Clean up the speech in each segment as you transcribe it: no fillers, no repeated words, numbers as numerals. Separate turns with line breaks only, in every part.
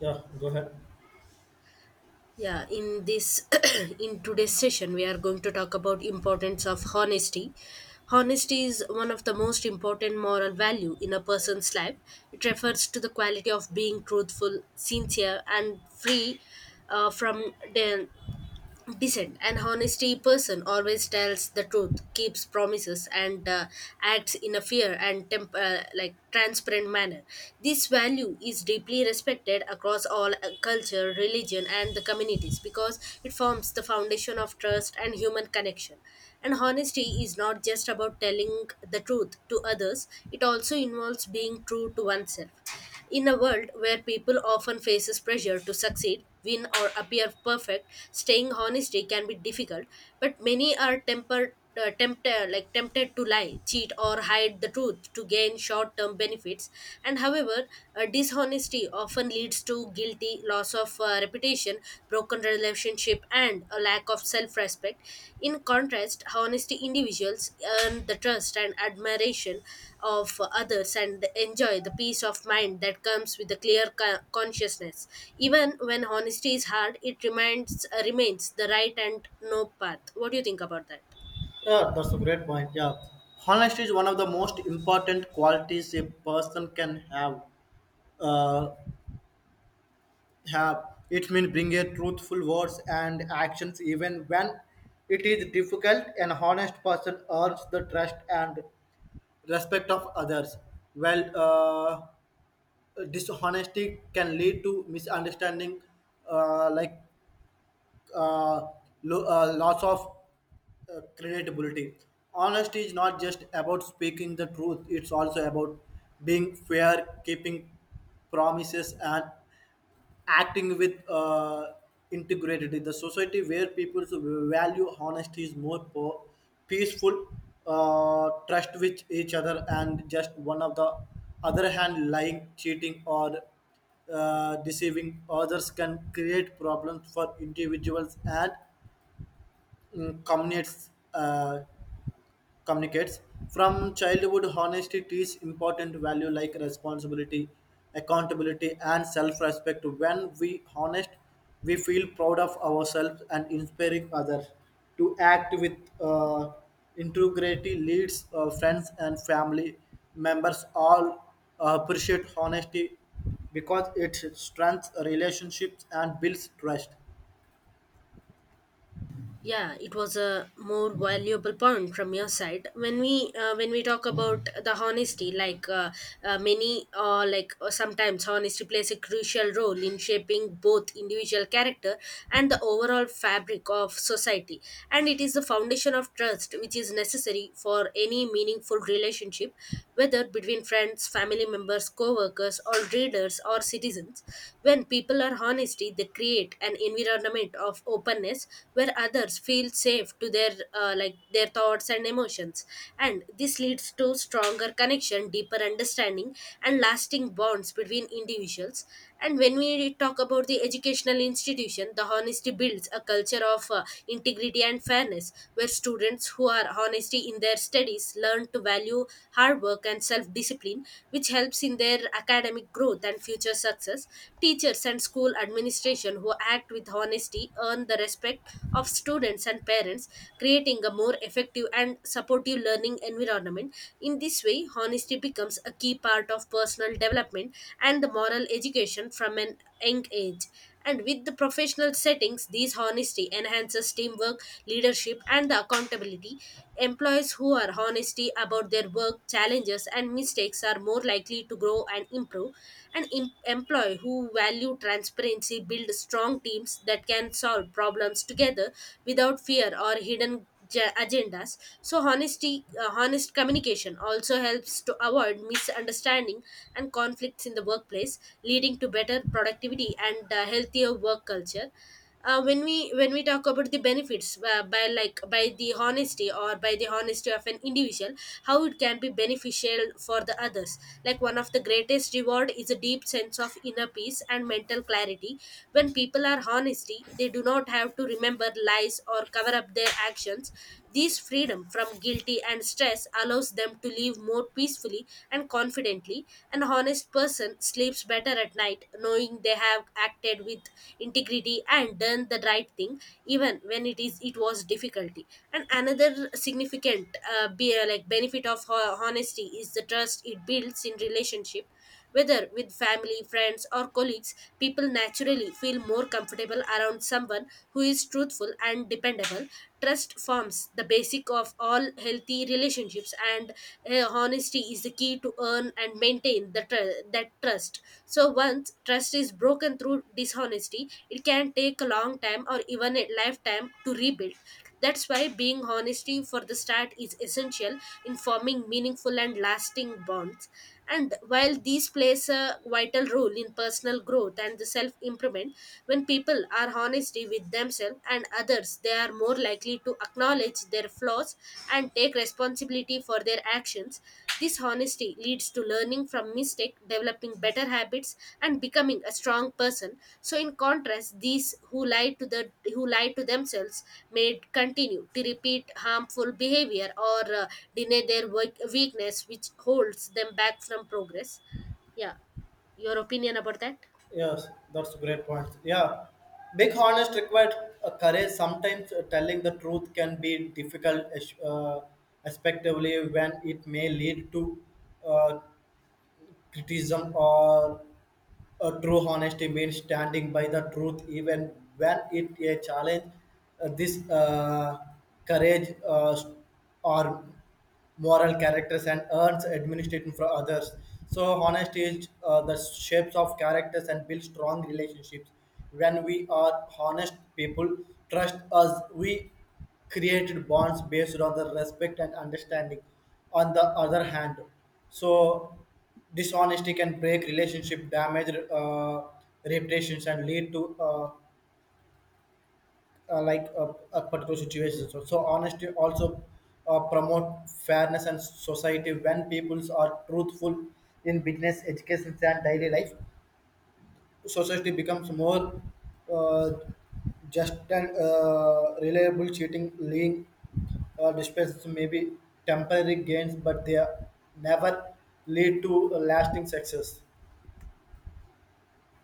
Yeah, go ahead.
Yeah, in this in today's session we are going to talk about importance of honesty. Honesty is one of the most important moral value in a person's life. It refers to the quality of being truthful, sincere and free from de- decent and honesty person always tells the truth, keeps promises, and acts in a fair and like transparent manner. This value is deeply respected across all culture, religion, and the communities because it forms the foundation of trust and human connection. And honesty is not just about telling the truth to others; it also involves being true to oneself. In a world where people often faces pressure to succeed, win or appear perfect, staying honesty can be difficult, but many are tempered, tempted, like tempted to lie, cheat or hide the truth to gain short-term benefits. And however, dishonesty often leads to guilty, loss of reputation, broken relationship and a lack of self respect. In contrast, honesty individuals earn the trust and admiration of others and enjoy the peace of mind that comes with a clear consciousness. Even when honesty is hard, it remains the right and no path. What do you think about that?
Yeah, that's a great point. Yeah, honesty is one of the most important qualities a person can have. Uh, have it means bring a truthful words and actions even when it is difficult. An honest person earns the trust and respect of others. Well, dishonesty can lead to misunderstanding, uh, like uh, loss of credibility. Honesty is not just about speaking the truth, it's also about being fair, keeping promises, and acting with integrated in the society where people's value honesty is more peaceful trust with each other and just one of the other hand lying cheating or deceiving others can create problems for individuals and communities communicates. From childhood, honesty teaches important value like responsibility, accountability, and self-respect. When we honest, we feel proud of ourselves and inspiring others to act with uh, integrity. Leads friends and family members all appreciate honesty because it strengthens relationships and builds trust.
Yeah, it was a more valuable point from your side. When we when we talk about the honesty, like many like sometimes honesty plays a crucial role in shaping both individual character and the overall fabric of society, and it is the foundation of trust which is necessary for any meaningful relationship, whether between friends, family members, co-workers, or readers or citizens. When people are honesty, they create an environment of openness where others feel safe to their like their thoughts and emotions, and this leads to stronger connection, deeper understanding, and lasting bonds between individuals. And when we talk about the educational institution, the honesty builds a culture of integrity and fairness, where students who are honesty in their studies learn to value hard work and self discipline, which helps in their academic growth and future success. Teachers and school administration who act with honesty earn the respect of students and parents, creating a more effective and supportive learning environment. In this way, honesty becomes a key part of personal development and the moral education from an young age. And with the professional settings, this honesty enhances teamwork, leadership, and the accountability. Employees who are honesty about their work, challenges, and mistakes are more likely to grow and improve. An employee who value transparency build strong teams that can solve problems together without fear or hidden agendas. So honesty, honest communication also helps to avoid misunderstanding and conflicts in the workplace, leading to better productivity and healthier work culture. When we when we talk about the benefits, by like by the honesty or by the honesty of an individual, how it can be beneficial for the others, like one of the greatest reward is a deep sense of inner peace and mental clarity. When people are honesty, they do not have to remember lies or cover up their actions. This freedom from guilty and stress allows them to live more peacefully and confidently. An honest person sleeps better at night knowing they have acted with integrity and done the right thing, even when it was difficulty. And another significant, like benefit of honesty is the trust it builds in relationship, whether with family, friends, or colleagues, people naturally feel more comfortable around someone who is truthful and dependable. Trust forms the basic of all healthy relationships, and honesty is the key to earn and maintain that trust. So, once trust is broken through dishonesty, it can take a long time or even a lifetime to rebuild. That's why being honesty for the start is essential in forming meaningful and lasting bonds. And while these plays a vital role in personal growth and the self improvement, when people are honest with themselves and others, they are more likely to acknowledge their flaws and take responsibility for their actions. This honesty leads to learning from mistake, developing better habits, and becoming a strong person. So, in contrast, these who lie to the, who lie to themselves may continue to repeat harmful behavior or deny their work, weakness, which holds them back from progress. Yeah, your opinion about that?
Yes, that's a great point. Yeah, being honest required courage. Sometimes telling the truth can be difficult, especially when it may lead to uh, criticism or true honesty means standing by the truth even when it a challenge. This courage or moral characters and earns admiration from others. So honesty is the shapes of characters and builds strong relationships. When we are honest people, trust us. We created bonds based on the respect and understanding. On the other hand, so dishonesty can break relationship, damage reputations, and lead to a particular situation. So honesty also promote fairness and society when peoples are truthful in business, education, and daily life. Society becomes more uh, just and reliable. Cheating, lying, disputes may be temporary gains, but never lead to lasting success.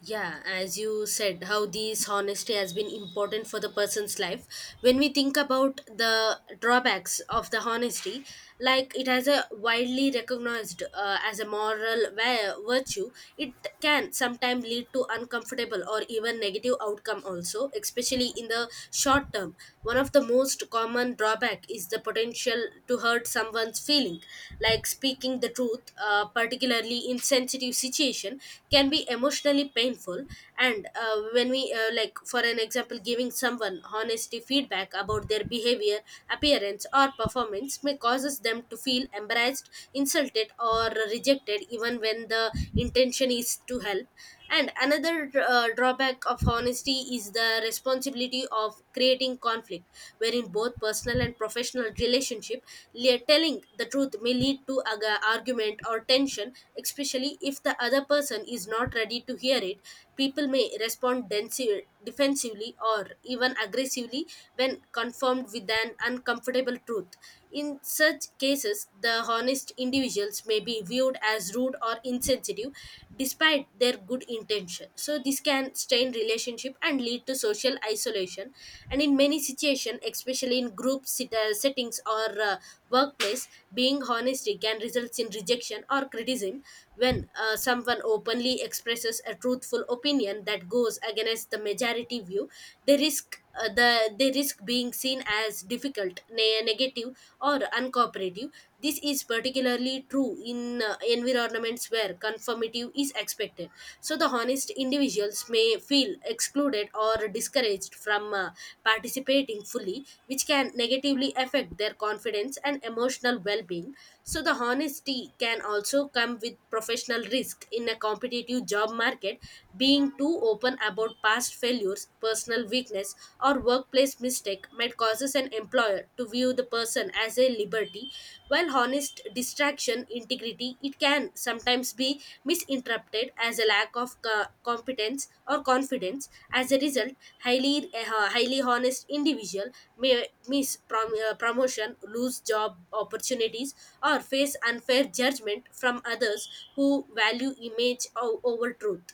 Yeah, as you said, how this honesty has been important for the person's life. When we think about the drawbacks of the honesty, like it has a widely recognized as a moral virtue, it can sometimes lead to uncomfortable or even negative outcome also, especially in the short term. One of the most common drawback is the potential to hurt someone's feeling, like speaking the truth, particularly in sensitive situation, can be emotionally painful. And when we, like for an example, giving someone honesty feedback about their behavior, appearance or performance may causes them to feel embarrassed, insulted or rejected, even when the intention is to help. And another drawback of honesty is the responsibility of creating conflict, wherein both personal and professional relationship, telling the truth may lead to argument or tension, especially if the other person is not ready to hear it. People may respond defensively or even aggressively when confirmed with an uncomfortable truth. In such cases, the honest individuals may be viewed as rude or insensitive despite their good intention. So this can strain relationship and lead to social isolation. And in many situations, especially in group settings or workplace, being honest can result in rejection or criticism when someone openly expresses a truthful opinion that goes against the majority view. They risk being seen as difficult, negative, or uncooperative. This is particularly true in environments where conformity is expected. So, the honest individuals may feel excluded or discouraged from participating fully, which can negatively affect their confidence and emotional well being. So, the honesty can also come with professional risk in a competitive job market, being too open about past failures, personal weakness, or workplace mistake might causes an employer to view the person as a liberty, while honest distraction integrity, it can sometimes be misinterpreted as a lack of competence or confidence. As a result, highly honest individual may miss promotion, lose job opportunities, or face unfair judgment from others who value image over truth.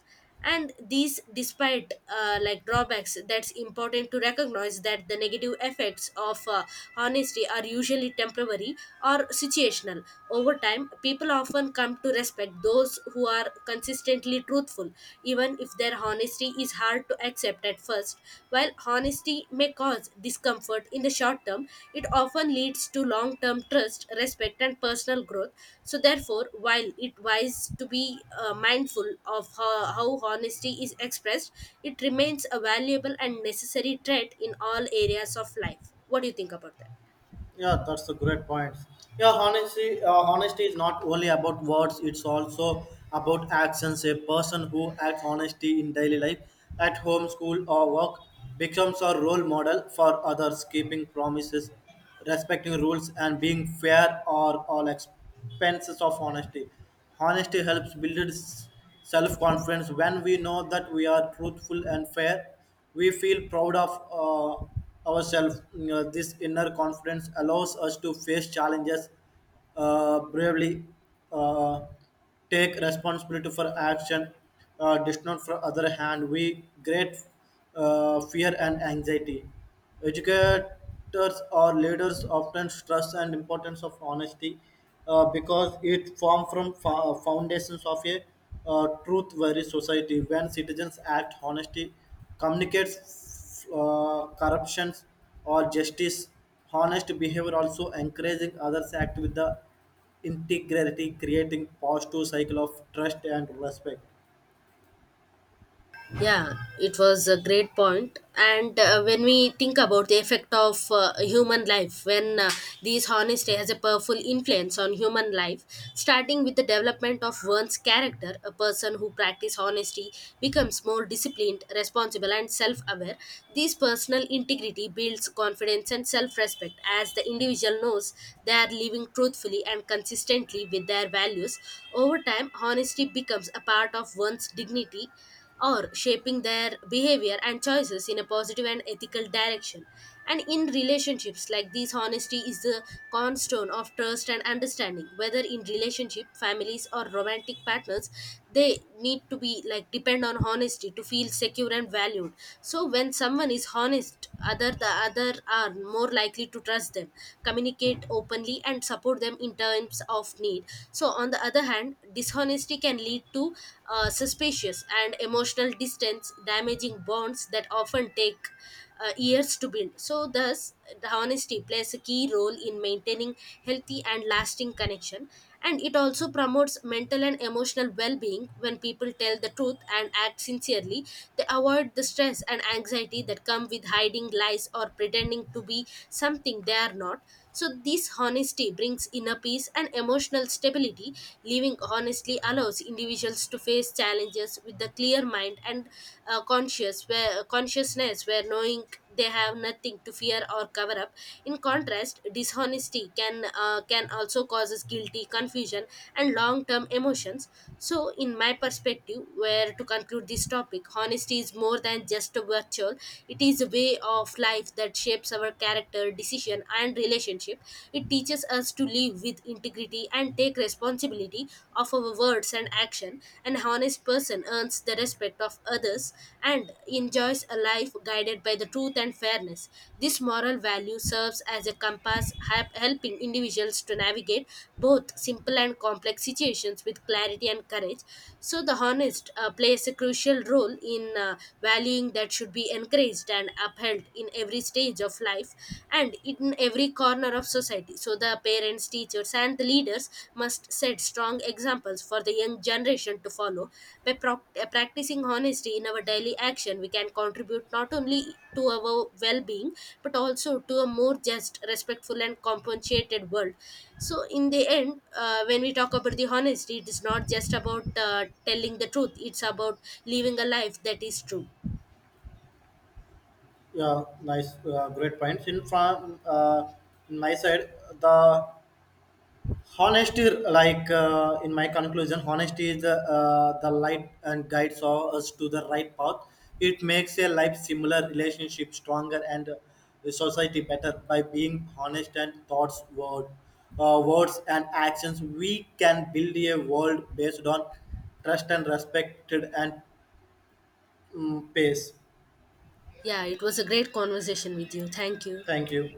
And these, despite like drawbacks, that's important to recognize that the negative effects of honesty are usually temporary or situational. Over time, people often come to respect those who are consistently truthful, even if their honesty is hard to accept at first. While honesty may cause discomfort in the short term, it often leads to long term trust, respect, and personal growth. So, therefore, while it wise to be mindful of how honesty is expressed, it remains a valuable and necessary trait in all areas of life. What do you think about that?
Yeah, that's a great point. Yeah, honesty is not only about words, it's also about actions. A person who acts honesty in daily life, at home, school, or work, becomes a role model for others, keeping promises, respecting rules, and being fair are all expenses of honesty. Honesty helps build self confidence when we know that we are truthful and fair we feel proud of ourselves. You know, this inner confidence allows us to face challenges bravely, uh, take responsibility for action does for other hand we great fear and anxiety. Educators or leaders often stress and importance of honesty because it forms from foundations of a truth-worthy society. When citizens act honestly, communicates corruptions or justice, honest behavior also encouraging others act with the integrity, creating positive cycle of trust and respect.
Yeah, it was a great point. And when we think about the effect of human life, when these honesty has a powerful influence on human life, starting with the development of one's character, a person who practices honesty becomes more disciplined, responsible, and self-aware. This personal integrity builds confidence and self-respect as the individual knows they are living truthfully and consistently with their values. Over time, honesty becomes a part of one's dignity or shaping their behavior and choices in a positive and ethical direction. And in relationships like these, honesty is the cornerstone of trust and understanding. Whether in relationship, families, or romantic partners, they need to be like depend on honesty to feel secure and valued. So when someone is honest, other the other are more likely to trust them, communicate openly, and support them in terms of need. So on the other hand, dishonesty toxicity can lead to suspicious and emotional distance, damaging bonds that often take years to build. So, thus, the honesty plays a key role in maintaining healthy and lasting connection. And it also promotes mental and emotional well being when people tell the truth and act sincerely. They avoid the stress and anxiety that come with hiding lies or pretending to be something they are not. So, this honesty brings inner peace and emotional stability, living honestly allows individuals to face challenges with a clear mind and consciousness where, knowing they have nothing to fear or cover up. In contrast, dishonesty can, can also causes guilty, confusion, and long-term emotions. So, in my perspective, where to conclude this topic, honesty is more than just a virtual. It is a way of life that shapes our character, decision, and relationship. It teaches us to live with integrity and take responsibility of our words and action. An honest person earns the respect of others and enjoys a life guided by the truth and fairness. This moral value serves as a compass, helping individuals to navigate both simple and complex situations with clarity and courage. So, the honest plays a crucial role in valuing that should be encouraged and upheld in every stage of life and in every corner of society. So, the parents, teachers, and the leaders must set strong examples for the young generation to follow. By practicing honesty in our daily action, we can contribute not only to our well being but also to a more just, respectful, and compensated world. So, in the end, when we talk about the honesty, it is not just about telling the truth, it's about living a life that is true.
Yeah, nice, great points. In my side, the honesty, in my conclusion, honesty is the light and guides us to the right path. It makes a life similar, relationship stronger, and the society better by being honest and thoughts, word, words and actions. We can build a world based on trust and respected and pace.
Yeah, it was a great conversation with you. Thank you.
Thank you.